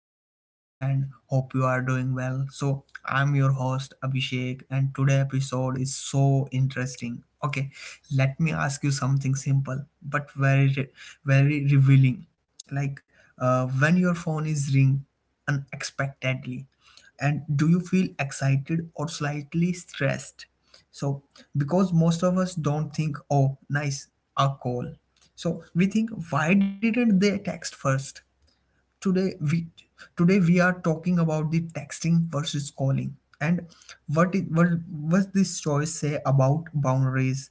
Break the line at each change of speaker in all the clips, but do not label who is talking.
joining us and hope you are doing well. So, I'm your host Abhishek and today episode is so interesting. Okay, let me ask you something simple but very revealing. Like when your phone is ring unexpectedly and do you feel excited or slightly stressed? So, because most of us don't think, oh, nice, a call. So, we think, why didn't they text first? today we today we are talking about the texting versus calling and what it, what this choice say about boundaries,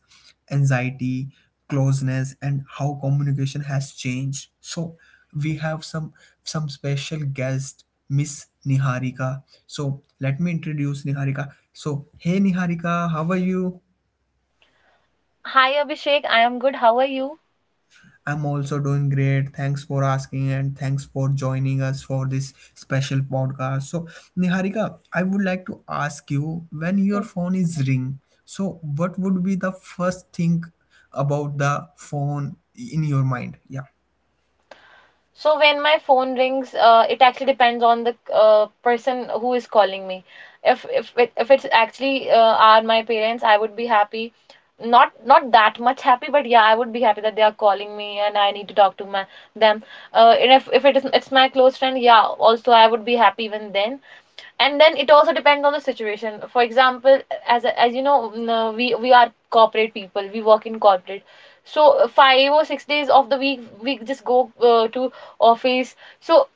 anxiety, closeness and how communication has changed. So we have some special guest Miss Niharika. So let me introduce Niharika. So hey Niharika, how are you?
Hi Abhishek, I am good. How are you?
I'm also doing great. Thanks for asking and thanks for joining us for this special podcast. So, Niharika, I would like to ask you when your phone is ring, so what would be the first thing about the phone in your mind? Yeah.
So when my phone rings, it actually depends on the person who is calling me. If it's actually are my parents, I would be happy. Not that much happy, but yeah, I would be happy that they are calling me and I need to talk to my them. And if it's my close friend, yeah, also I would be happy even then. And then it also depends on the situation, for example, as you know we are corporate people, we work in corporate. So 5 or 6 days of the week we just go to office. So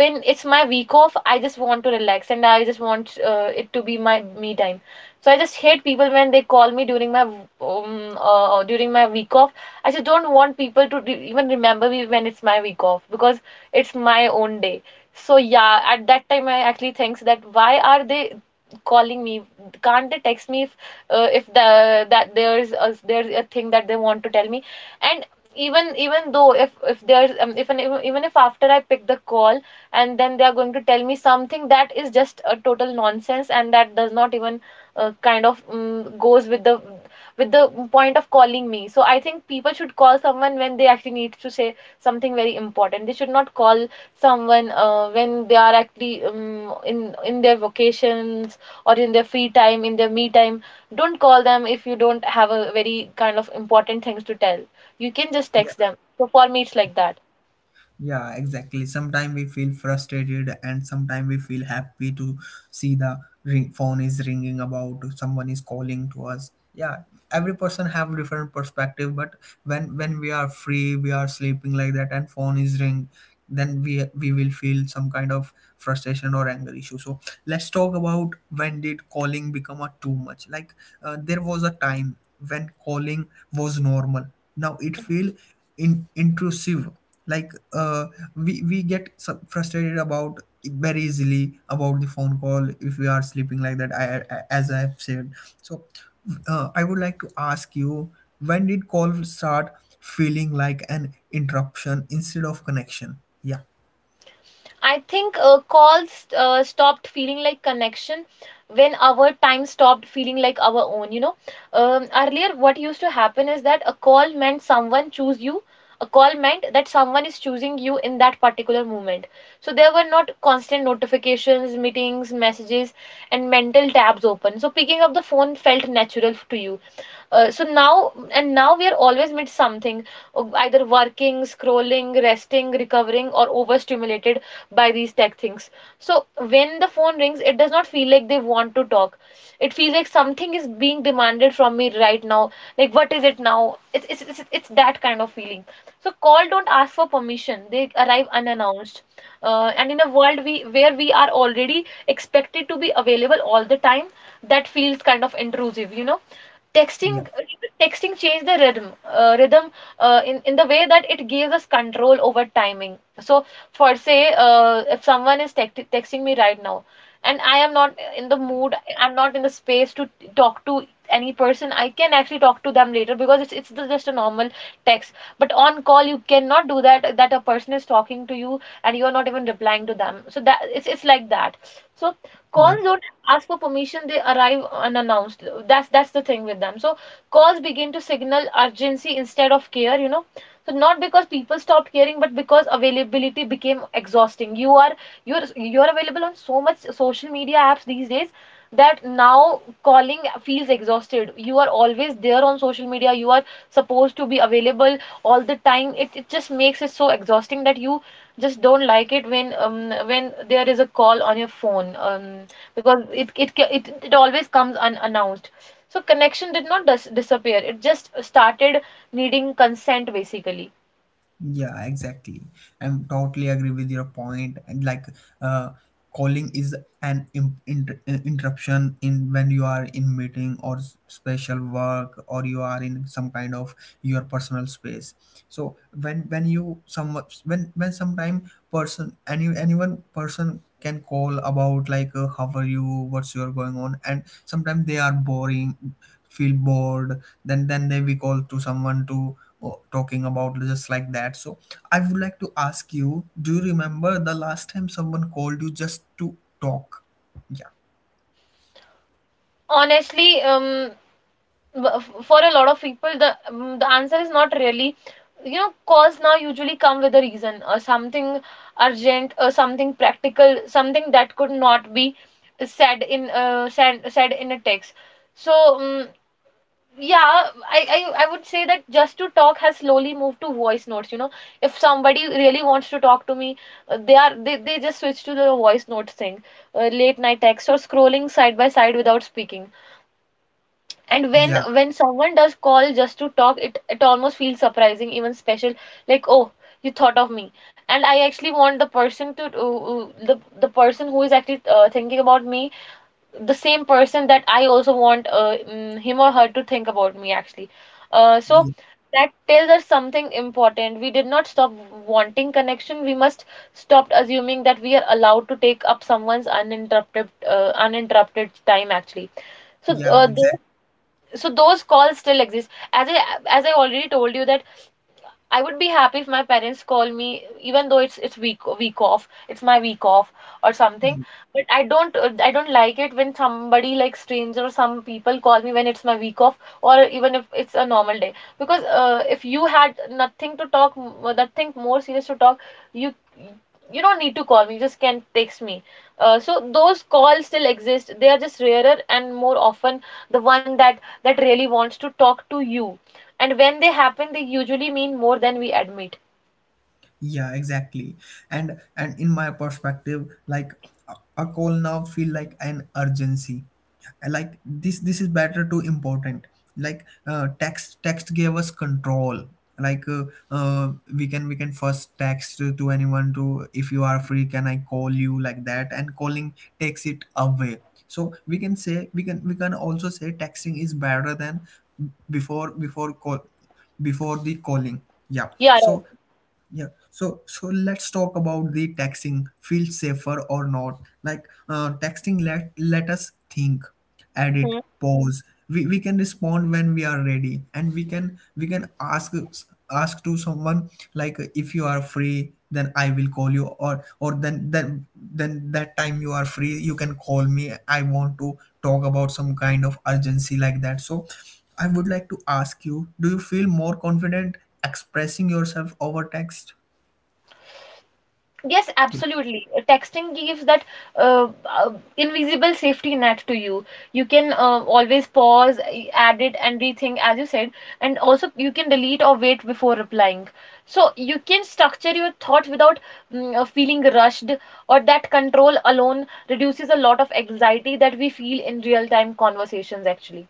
when it's my week off, I just want to relax and I just want it to be my me time. So I just hate people when they call me during my week off. I just don't want people to even remember me when it's my week off because it's my own day. So yeah, at that time I actually thinks that why are they calling me? Can't they text me if the that there's a thing that they want to tell me? And even though if there's if an, even even if after I pick the call and then they are going to tell me something that is just a total nonsense and that does not even kind of goes with the point of calling me. So I think people should call someone when they actually need to say something very important. They should not call someone when they are actually in their vacations, or in their free time, in their me time. Don't call them if you don't have a very kind of important things to tell. You can just text them. So for me, it's like that.
Yeah, exactly. Sometimes we feel frustrated, and sometimes we feel happy to see the ring, phone is ringing about someone is calling to us. Yeah, every person have different perspective, but when we are free, we are sleeping like that, and phone is ring, then we will feel some kind of frustration or anger issue. So let's talk about when did calling become a too much? There was a time when calling was normal now it feel intrusive, like uh, we get frustrated about very easily about the phone call if we are sleeping like that. As I have said. So I would like to ask you when did call start feeling like an interruption instead of connection? Yeah,
I think calls stopped feeling like connection when our time stopped feeling like our own, you know. Earlier what used to happen is that a call meant someone choose you, a call meant that someone is choosing you in that particular moment. So there were not constant notifications, meetings, messages and mental tabs open, so picking up the phone felt natural to you. So now and now we are always mid something, either working, scrolling, resting, recovering or overstimulated by these tech things. So when the phone rings, it does not feel like they want to talk. It feels like something is being demanded from me right now. Like what is it now? It's that kind of feeling. So call don't ask for permission. They arrive unannounced. And in a world we where we are already expected to be available all the time, that feels kind of intrusive, you know.
yeah,
texting Texting changed the rhythm in the way that it gives us control over timing. So for say, if someone is texting me right now and I am not in the mood, I'm not in the space to talk to any person, I can actually talk to them later, because it's just a normal text. But on call you cannot do that, that a person is talking to you and you're not even replying to them, so that it's like that. So cons
yeah.
don't ask for permission, they arrive unannounced. That's the thing with them. So calls begin to signal urgency instead of care, you know. So not because people stopped caring, but because availability became exhausting. You are you're available on so much social media apps these days that now calling feels exhausted. You are always there on social media. You are supposed to be available all the time. It just makes it so exhausting that you just don't like it when there is a call on your phone because it, ca- it always comes unannounced. So connection did not disappear, it just started needing consent basically.
Yeah, exactly. I'm totally agree with your point. And like, uh, calling is an interruption in when you are in meeting or special work or you are in some kind of your personal space. So when sometime person anyone person can call about like how are you, what's your going on and sometimes they are boring, feel bored, then they we call to someone to, oh, talking about just like that. So I would like to ask you, do you remember the last time someone called you just to talk? Yeah,
Honestly, for a lot of people the answer is not really, you know. Calls now usually come with a reason or something urgent or something practical, something that could not be said in said in a text. So um, yeah, I, I would say that just to talk has slowly moved to voice notes. You know, if somebody really wants to talk to me, they just switch to the voice notes thing, late night text or scrolling side by side without speaking. And when
yeah,
when someone does call just to talk, it almost feels surprising, even special. Like, oh, you thought of me. And I actually want the person to the person who is actually thinking about me, the same person that I also want him or her to think about me actually. So
yeah,
that tells us something important. We did not stop wanting connection. We must stop assuming that we are allowed to take up someone's uninterrupted uninterrupted time actually. So
yeah,
uh, those, so those calls still exist. As I already told you that I would be happy if my parents call me, even though it's week week off, it's my week off or something.
exactly.
But I don't like it when somebody like stranger or some people call me when it's my week off or even if it's a normal day. Because if you had nothing to talk, nothing more serious to talk, you you don't need to call me. You just can text me. So those calls still exist. They are just rarer, and more often the one that that really wants to talk to you, and when they happen, they usually mean more than we admit.
Yeah, exactly. And in my perspective, like, a, a call now feel like an urgency. And, like, this is better too important. Text gave us control. Like uh, we can first text to anyone to, if you are free, can I call you like that? And calling takes it away. So we can say, we can also say texting is better than before before call before the calling. Yeah
Yeah, right.
so, yeah, so so let's talk about the texting. Feel safer or not? Texting, let us think, edit,
Hmm.
pause. We can respond when we are ready, and we can ask to someone like, if you are free, then I will call you, or or then that time you are free, you can call me. I want to talk about some kind of urgency like that. So I would like to ask you, do you feel more confident expressing yourself over text?
Yes, absolutely. Texting gives that invisible safety net to you. You can always pause, add it, and rethink, as you said, and also you can delete or wait before replying. So you can structure your thought without feeling rushed, or that control alone reduces a lot of anxiety that we feel in real-time conversations, actually.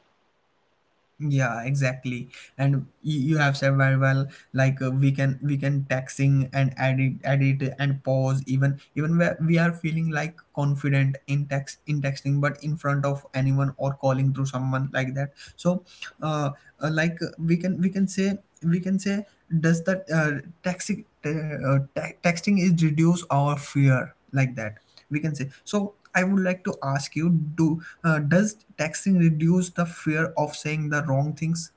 Yeah, exactly. And you have said very well. We can texting and edit and pause, even where we are feeling like confident in texting but in front of anyone or calling through someone like that. So uh, uh like uh, we can we can say we can say does that texting, texting is reduce our fear like that, we can say. So I would like to ask you, do does texting reduce the fear of saying the wrong things?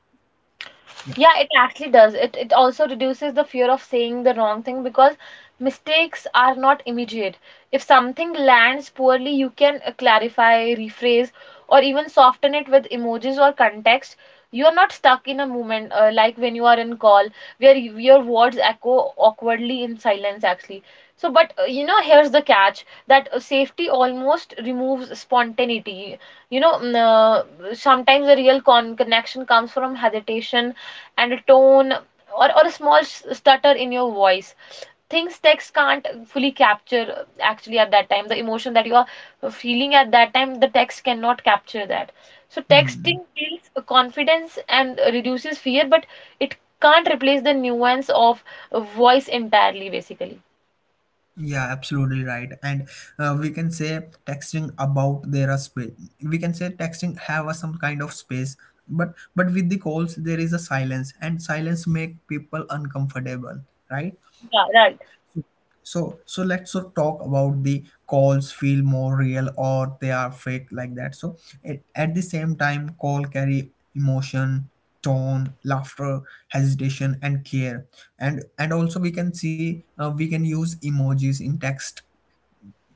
Yeah.
Yeah, it actually does. It also reduces the fear of saying the wrong thing because mistakes are not immediate. If something lands poorly, you can clarify, rephrase, or even soften it with emojis or context. You are not stuck in a moment like when you are in call where your words echo awkwardly in silence actually. So, but you know, here's the catch that safety almost removes spontaneity. You know, sometimes the real connection comes from hesitation and a tone or a small stutter in your voice, things text can't fully capture, actually at that time the emotion that you are feeling at that time the text cannot capture that. So
Hmm.
texting builds confidence and reduces fear, but it can't replace the nuance of voice entirely basically.
Yeah, absolutely right. And we can say texting about there are space. We can say texting have some kind of space, but with the calls there is a silence and silence make people uncomfortable, right?
Yeah, right.
So so let's so talk about the calls feel more real or they are fake like that. So, it, at the same time, call carry emotion, tone, laughter, hesitation, and care. And also we can see, we can use emojis in text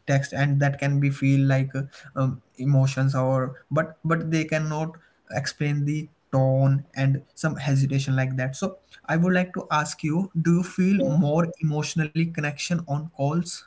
text and that can be feel like emotions or but they cannot explain the tone and some hesitation like that. So I would like to ask you, do you feel more emotionally connection on calls?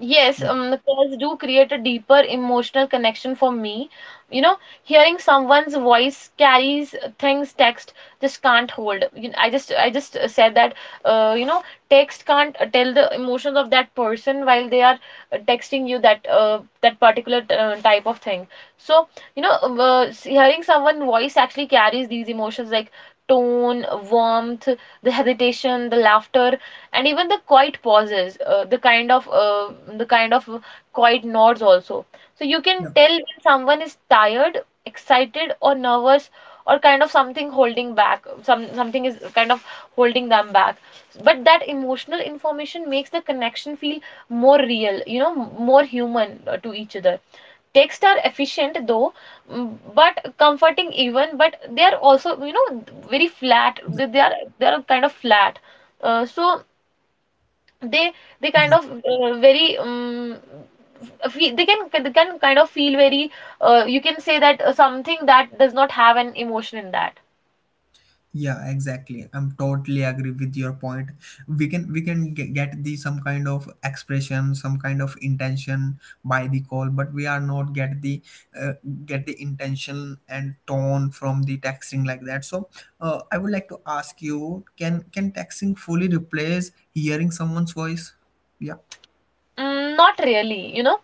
Yes,
Yeah,
the pairs do create a deeper emotional connection for me. You know, hearing someone's voice carries things text just can't hold. You I just said that you know text can't tell the emotions of that person while they are texting you that that particular type of thing. So you know, hearing someone's voice actually carries these emotions like tone, warmth, the hesitation, the laughter and even the quiet pauses, the kind of quiet nods also. So you can
yeah.
tell when someone is tired, excited or nervous, or kind of something holding back, some something is kind of holding them back. But that emotional information makes the connection feel more real, you know, more human to each other. Texts are efficient though, but comforting even, but they are also you know very flat, they are kind of flat. So they they
Yeah.
kind of very they can kind of feel very you can say that something that does not have an emotion in that.
Yeah, exactly. I'm totally agree with your point. We can get the some kind of expression, some kind of intention by the call, but we are not get the uh, get the intention and tone from the texting like that. So, I would like to ask you, can texting fully replace hearing someone's voice? Yeah,
Mm, not really, you know.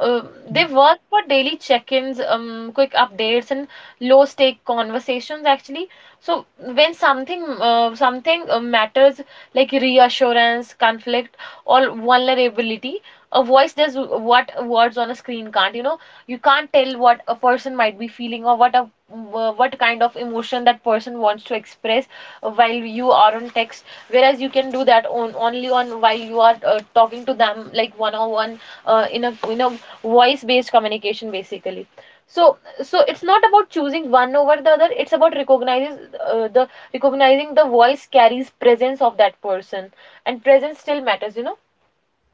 Uh,
yeah.
they work for daily check-ins, quick updates, and low-stake conversations actually. So when something something matters, like reassurance, conflict, or vulnerability, a voice does what words on a screen can't. You can't tell what a person might be feeling or what kind of emotion that person wants to express while you are on text, whereas you can do that on only on while you are talking to them, like one on one, in a voice based communication basically. So so it's not about choosing one over the other, it's about uh, the recognizing the voice carries presence of that person, and presence still matters.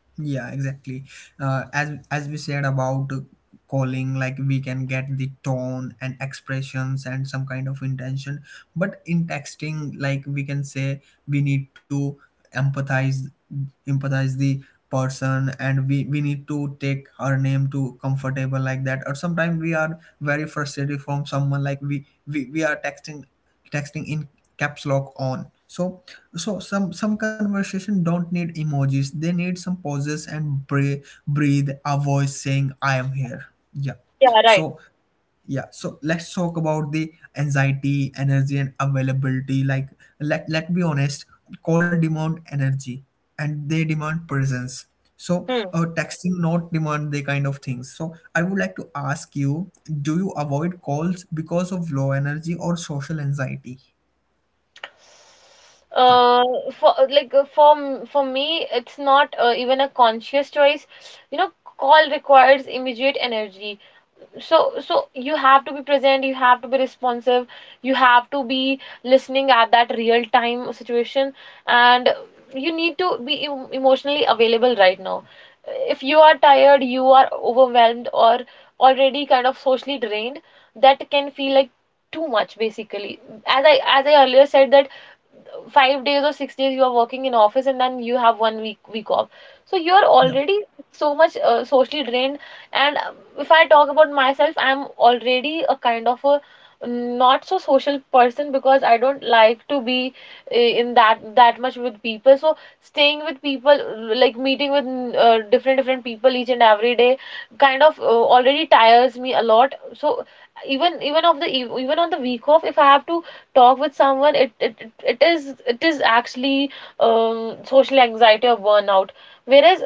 Yeah, exactly. As we said about calling, like we can get the tone and expressions and some kind of intention. But in texting, like we can say we need to empathize empathize the person and we need to take her name to comfortable like that, or sometimes we are very frustrated from someone like we are texting in caps lock on. So so some conversation don't need emojis, they need some pauses and breathe a voice saying I am here. Yeah.
Yeah, right.
So yeah, so let's talk about the anxiety, energy and availability. Like, let let be honest, call demand energy and they demand presence. So
Hmm.
texting not demand the kind of things. So I would like to ask you, do you avoid calls because of low energy or social anxiety? Yeah,
Uh for like uh, for m- for me, it's not even a conscious choice you know Call requires immediate energy, so you have to be present, you have to be responsive, you have to be listening at that real time situation, and you need to be emotionally available right now. If you are tired, you are overwhelmed, or already kind of socially drained, that can feel like too much basically. As I earlier said that 5 days or 6 days you are working in office, and then you have one week off, so you're
yeah,
already so much socially drained. And if I talk about myself, I'm already a kind of a, not so social person, because I don't like to be in that much with people. So staying with people, like meeting with different people each and every day, kind of already tires me a lot. So even on the week off, if I have to talk with someone, it is actually social anxiety or burnout. whereas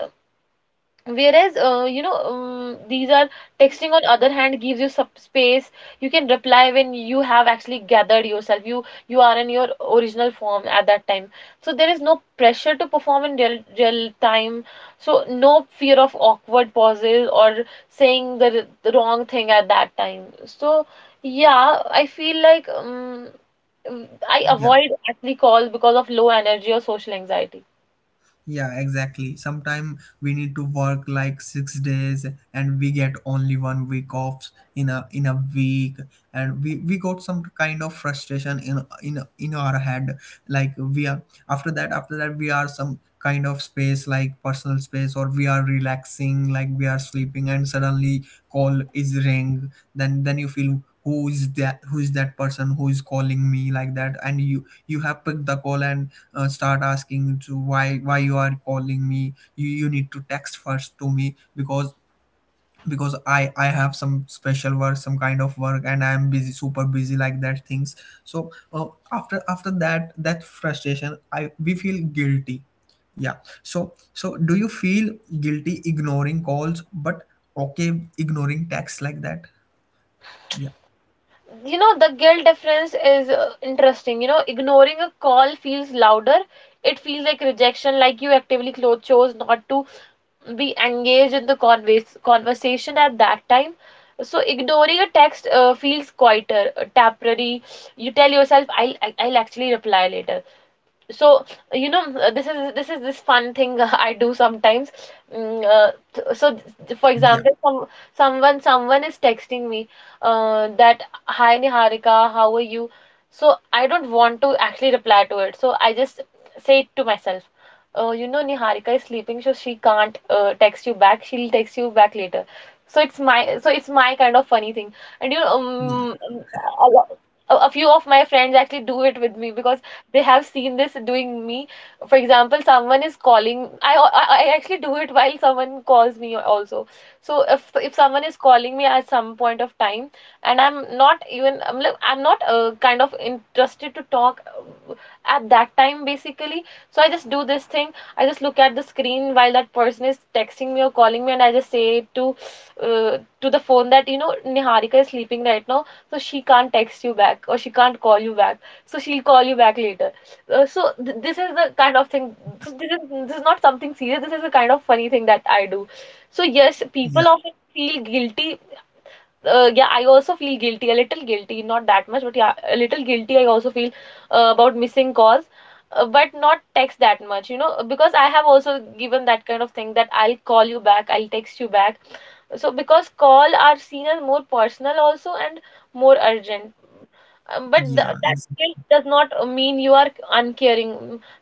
whereas you know these are texting on other hand gives you sub space. You can reply when you have actually gathered yourself, you are in your original form at that time. So there is no pressure to perform in real time, so no fear of awkward pauses or saying the wrong thing at that time. So yeah, I feel like, I
yeah.
avoid actually calls because of low energy or social anxiety.
Yeah, exactly. Sometimes we need to work like 6 days and we get only one week off in a week and we got some kind of frustration in in our head. Like we are after that we are some kind of space like personal space or we are relaxing like we are sleeping and suddenly call is ring, then you feel who is that person who is calling me like that and you have picked the call and start asking to, why you are calling me, you need to text first to me because because I have some special work, some kind of work and I am busy, super busy, like that things. So after that that frustration, I we feel guilty. Yeah. So so do you feel guilty ignoring calls but okay ignoring texts like that? Yeah,
You know, the guilt difference is interesting. You know, ignoring a call feels louder. It feels like rejection, like you actively chose not to be engaged in the conversation at that time. So ignoring a text feels quieter, temporary. You tell yourself, I'll actually reply later. So you know this is this is this fun thing I do sometimes. For
yeah,
example, someone is texting me that, hi Niharika, how are you? So I don't want to actually reply to it, so I just say it to myself. Oh, you know, Niharika is sleeping, so she can't text you back. She'll text you back later. So it's my kind of funny thing. And you know, a, lo- a few of my friends actually do it with me because they have seen this doing me. For example, someone is calling, I actually do it while someone calls me also. So if someone is calling me at some point of time, and I'm not even I'm like I'm not kind of interested to talk uh, at that time basically, so I just do this thing. I just look at the screen while that person is texting me or calling me, and I just say to the phone that, you know, Niharika is sleeping right now, so she can't text you back or she can't call you back, so she'll call you back later. So th this is the kind of thing. So this is not something serious. This is the kind of funny thing that I do. So yes,
yeah.
people often feel guilty. Yeah, I also feel guilty, a little guilty, not that much, but yeah, a little guilty. I also feel about missing calls, but not text that much, because I have also given that kind of thing that I'll call you back, I'll text you back. So because call are seen as more personal also, and more urgent. But th
Yeah,
that
ex-
guilt does not mean you are uncaring.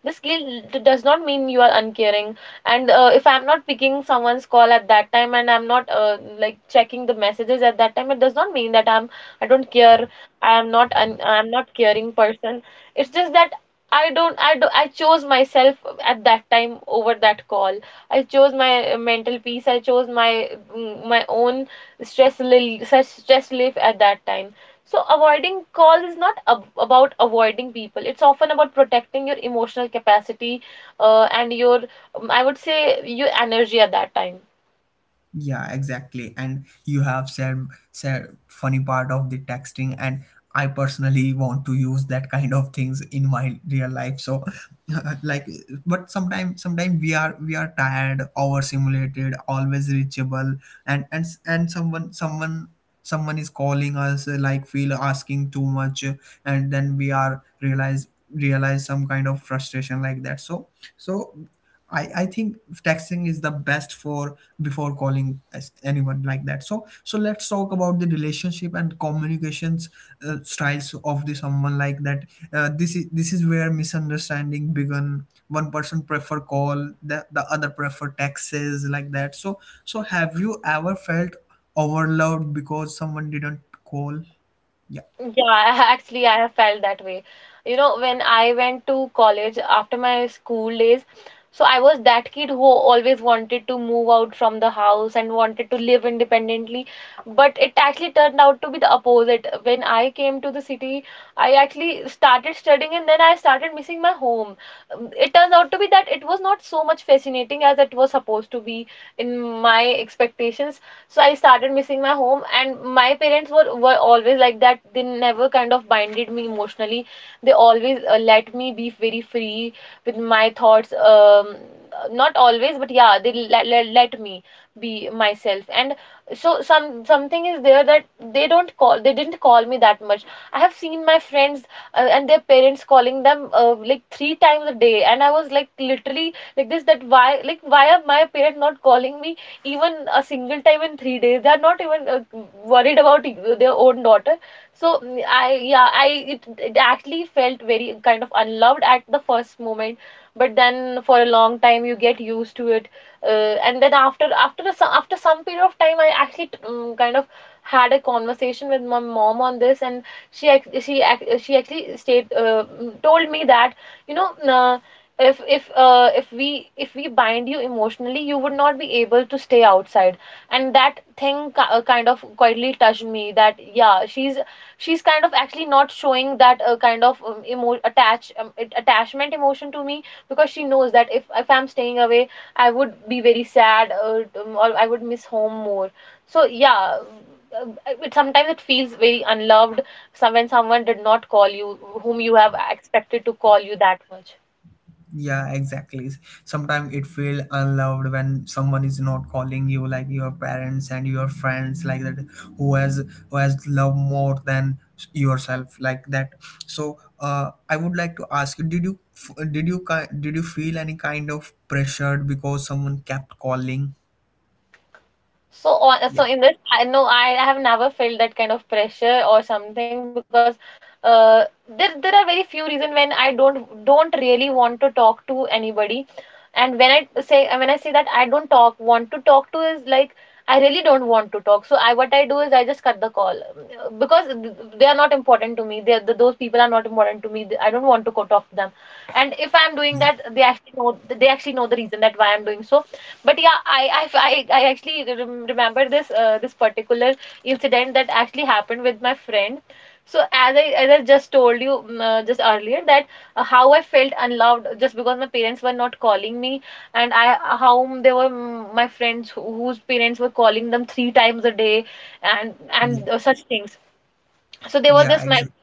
This guilt does not mean you are uncaring. And if I'm not picking someone's call at that time, and I'm not like checking the messages at that time, it does not mean that I don't care. I'm not caring person. It's just that I don't I do I chose myself at that time over that call. I chose my mental peace, I chose my own stress relief at that time. So avoiding calls is not about avoiding people, it's often about protecting your emotional capacity, and your I would say you energy at that time.
yeah, exactly. And you have said funny part of the texting, and I personally want to use that kind of things in my real life. So, like, but sometimes we are tired, overstimulated, always reachable, and and someone is calling us like feel asking too much, and then we are realize some kind of frustration like that. So so I think texting is the best for before calling as anyone like that. So so let's talk about the relationship and communications styles of the someone like that. This is where misunderstanding begun. One person prefer call, the other prefer texts like that. So so have you ever felt overloaded because someone didn't call? Yeah.
Yeah, I have felt that way. When I went to college after my school days, so I was that kid who always wanted to move out from the house and wanted to live independently. But it actually turned out to be the opposite. When I came to the city, I actually started studying and then I started missing my home. It turns out to be that it was not so much fascinating as it was supposed to be in my expectations. So I started missing my home, and my parents were always like that, they never kind of binded me emotionally. They always let me be very free with my thoughts. Not always, but yeah, they let me be myself. And so something is there, that they didn't call me that much. I have seen my friends and their parents calling them like three times a day, and I was like, literally like this, that why are my parents not calling me? Even a single time in 3 days, they are not even worried about their own daughter. So mm, I yeah I it, it actually felt very kind of unloved at the first moment. But then for a long time you get used to it. And then after some period of time, I actually kind of had a conversation with my mom on this. And she ac- she ac- she actually state told me that, you know uh, if we bind you emotionally, you would not be able to stay outside. And that thing kind of quietly touched me, that yeah, she's kind of actually not showing that kind of attachment emotion to me, because she knows that if I'm staying away, I would be very sad, or I would miss home more. So yeah, sometimes it feels very unloved some when someone did not call you, whom you have expected to call you that much.
Yeah, exactly. Sometimes it feel unloved when someone is not calling you, like your parents and your friends, like that, who has love more than yourself, like that. So, I would like to ask you, Did you f- did you ki- did you feel any kind of pressured because someone kept calling?
So on,
Yeah,
so in this, I know I have never felt that kind of pressure or something, because uh, there are very few reasons when I don't really want to talk to anybody. And when I say that I don't talk want to talk to, is like, I really don't want to talk. So I what I do is, I just cut the call, because they are not important to me. They are- th those people are not important to me, I don't want to go talk to them. And if I'm doing
yeah,
that, they actually know the reason that why I'm doing so. But yeah, I actually remember this particular incident that actually happened with my friend. So as I just told you, just earlier, that how I felt unloved, just because my parents were not calling me. And I how they were mm, my friends, whose parents were calling them three times a day, and
yeah,
such things. So there was
yeah,
this my
exactly.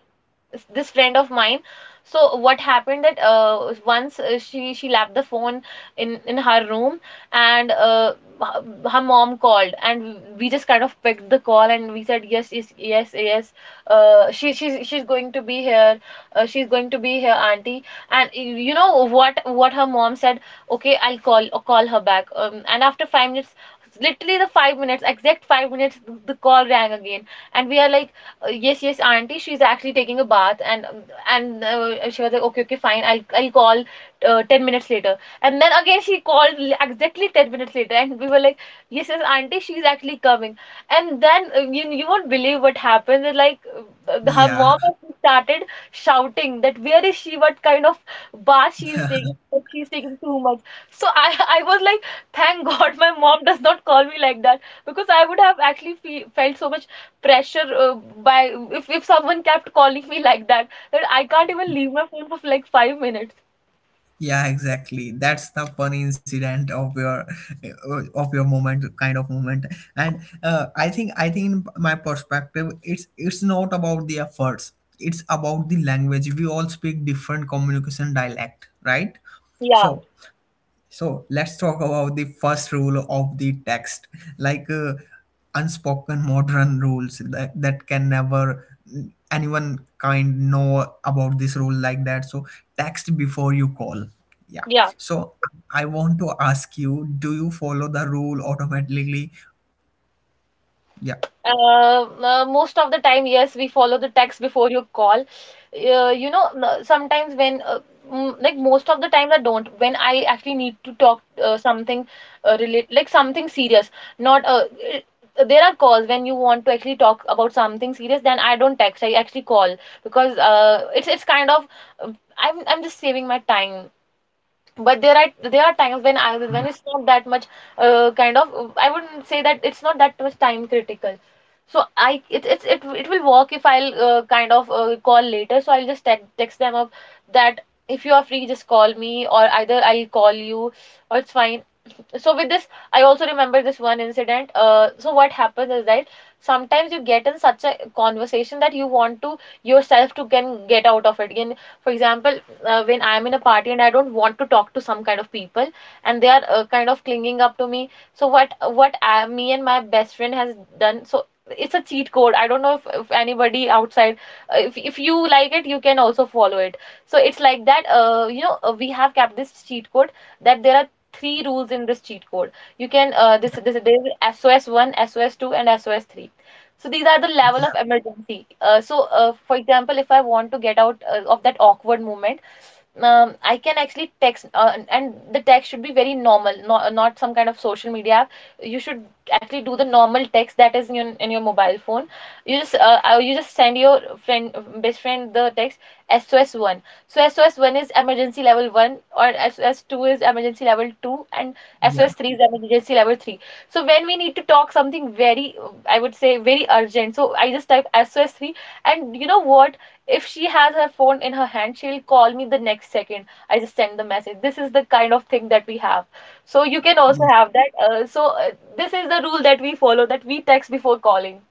this friend of mine. So what happened that once, she left the phone in her room. And her her mom called, and we just kind of picked the call and we said yes, yes, yes, yes, she's going to be here, she's going to be here, auntie. and y- you know what her mom said? Okay, I'll call, call her back, and after 5 minutes, literally the 5 minutes, exact 5 minutes, the call rang again, and we are like, yes, yes, auntie, she's actually taking a bath. And she was like, okay, okay, fine, I'll call 10 minutes later. And then again she called, exactly 10 minutes later, and we were like, yes, yes, auntie, she's actually coming. And then, you won't believe what happened. It's like, her
Yeah.
mom actually started shouting that, where is she? What kind of bath she is taking that she's taking too much? So I I was like, thank god my mom does not call me like that, because I would have actually felt so much pressure, by if someone kept calling me like that, that I can't even leave my phone for like 5 minutes.
Yeah, exactly. That's the funny incident of your moment, kind of moment. And I think in my perspective, it's not about the efforts. It's about the language. We all speak different communication dialect, right?
Yeah,
So so let's talk about the first rule of the text, like uh, unspoken modern rules that, that can never anyone kind know about this rule like that. So text before you call. Yeah.
yeah.
So I want to ask you, do you follow the rule automatically? Yeah.
Most of the time, yes, we follow the text before you call. You know, sometimes when, like, most of the time I don't. When I actually need to talk something like something serious, not it- there are calls when you want to actually talk about something serious. Then I don't text, I actually call, because it's kind of, I'm just saving my time. But there are, there are times when I,
Yeah.
when it's not that much, kind of, I wouldn't say that, it's not that much time critical. So I, it it's, it will work if I'll, kind of, call later. So I'll just text them up that, if you are free, just call me, or either I'll call you, or it's fine. So with this I also remember this one incident. So what happens is that sometimes you get in such a conversation that you want to yourself to can get out of it again. For example, when I'm in a party and I don't want to talk to some kind of people, and they are, kind of clinging up to me. So what, me and my best friend has done, so it's a cheat code. I don't know if anybody outside, if you like it, you can also follow it. So it's like that, you know, we have kept this cheat code that there are three rules in this cheat code. You can, this this there is SOS one, SOS two, and SOS three. So these are the level
Yeah.
of emergency. For example, if I want to get out of that awkward moment, I can actually text, and the text should be very normal, not some kind of social media app. You should actually do the normal text that is in in your mobile phone. You just send your friend, best friend, the text SOS one. So SOS one is emergency level one, or SOS two is emergency level two, and
Yeah.
SOS three is emergency level three. So when we need to talk something very, I would say very urgent. So I just type SOS three, and you know what? If she has her phone in her hand, she'll call me the next second. I just send the message. This is the kind of thing that we have. So you can also have that. Uh, so uh, this is the rule that we follow, that we text before calling.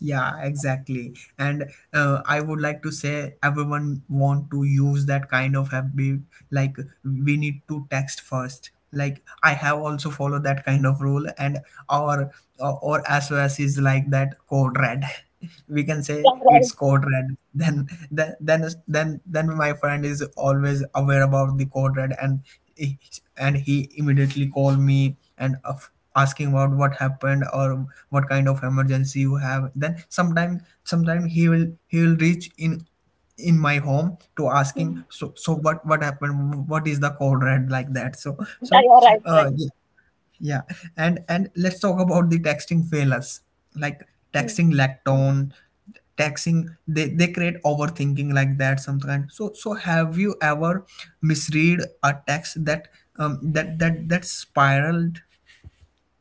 Yeah, exactly. And I would like to say everyone want to use that kind of habit. Like, we need to text first. Like, I have also followed that kind of rule and our, or as well as is like that, code red. We can say
Yeah, right.
it's code red, then my friend is always aware about the code red, he- and he immediately called me and asking about what happened or what kind of emergency you have. Then sometime he will reach in my home to asking so, so what happened, what is the code red like that. So
Yeah,
so
you're right.
uh yeah, and let's talk about the texting failures, like texting lack tone, texting they create overthinking like that sometimes. So so have you ever misread a text that that spiraled?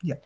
Yeah,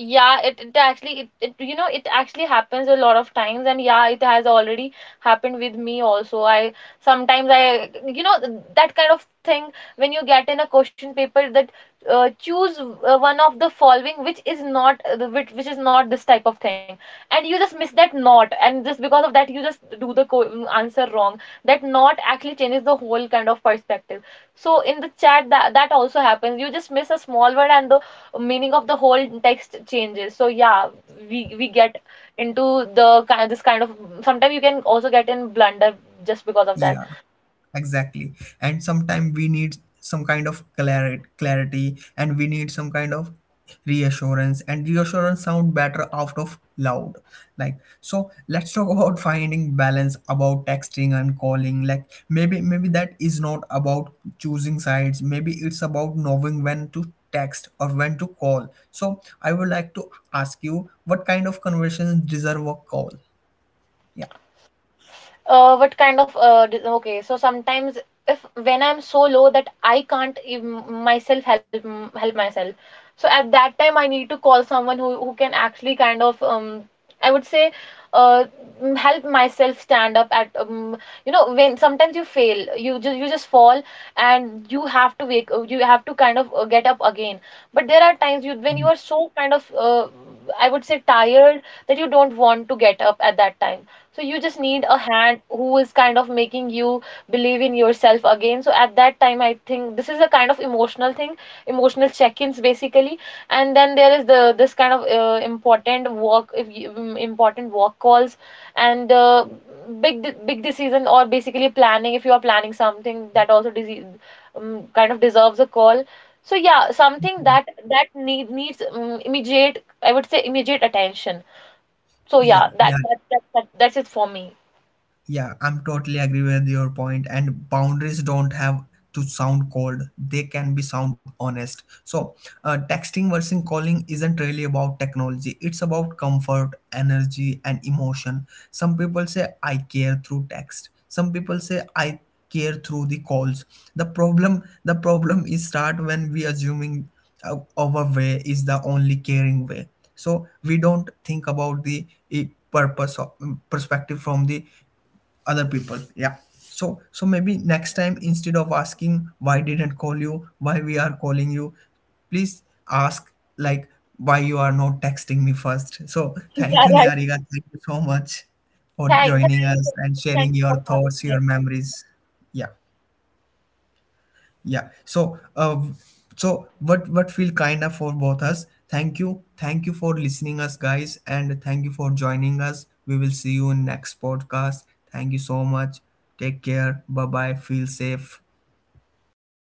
Yeah, it actually, it, you know, it actually happens a lot of times, and yeah, it has already happened with me also. I sometimes, I, you know, that kind of thing when you get in a question paper that, choose one of the following which is not, which is not this type of thing, and you just miss that "not", and just because of that you just do the answer wrong. That "not" actually changes the whole kind of perspective. So in the chat, that also happens. You just miss a small word and the meaning of the whole text changes. So yeah, we get into the kind this kind of, sometimes you can also get in blunder just because of that.
yeah, exactly. And sometimes we need some kind of clarity and we need some kind of reassurance sound better out of loud. Like, so let's talk about finding balance about texting and calling. Like maybe maybe that is not about choosing sides, maybe it's about knowing when to text or when to call. So I would like to ask you, what kind of conversations deserve a call? Yeah,
What kind of, okay, so sometimes if, when I'm so low that I can't ev- myself help help myself, so at that time I need to call someone who can actually kind of, I would say, uh help myself stand up at, you know, when sometimes you fail, you just, fall, and you have to wake, you have to kind of, get up again. But there are times you, when you are so kind of, I would say tired, that you don't want to get up at that time. So you just need a hand who is kind of making you believe in yourself again. So at that time, I think this is a kind of emotional thing, emotional check-ins basically. And then there is the this kind of, important work, if you, mm, important work calls, and, big decision, or basically planning. If you are planning something, that also kind of deserves a call. So yeah, something that needs, immediate, I would say immediate attention. So yeah,
yeah, yeah.
that's it for me.
Yeah, I'm totally agree with your point. And boundaries don't have to sound cold; they can be sound honest. So, texting versus calling isn't really about technology. It's about comfort, energy, and emotion. Some people say I care through text. Some people say I care through the calls. The problem is start when we assuming our way is the only caring way. So we don't think about the purpose of perspective from the other people. Yeah. So so maybe next time instead of asking why didn't call you, why we are calling you, please ask like, why you are not texting me first. So
Yeah,
thank you
right.
Niharika, thank you so much for
Thank,
joining
thank,
us and
Thank
sharing
you
your
for having
thoughts,
me.
your memories. Yeah, yeah. So what feel kind of for both us. Thank you, thank you for listening us guys and thank you for joining us, we will see you in next podcast. Thank you so much. Take care. Bye bye. Feel safe.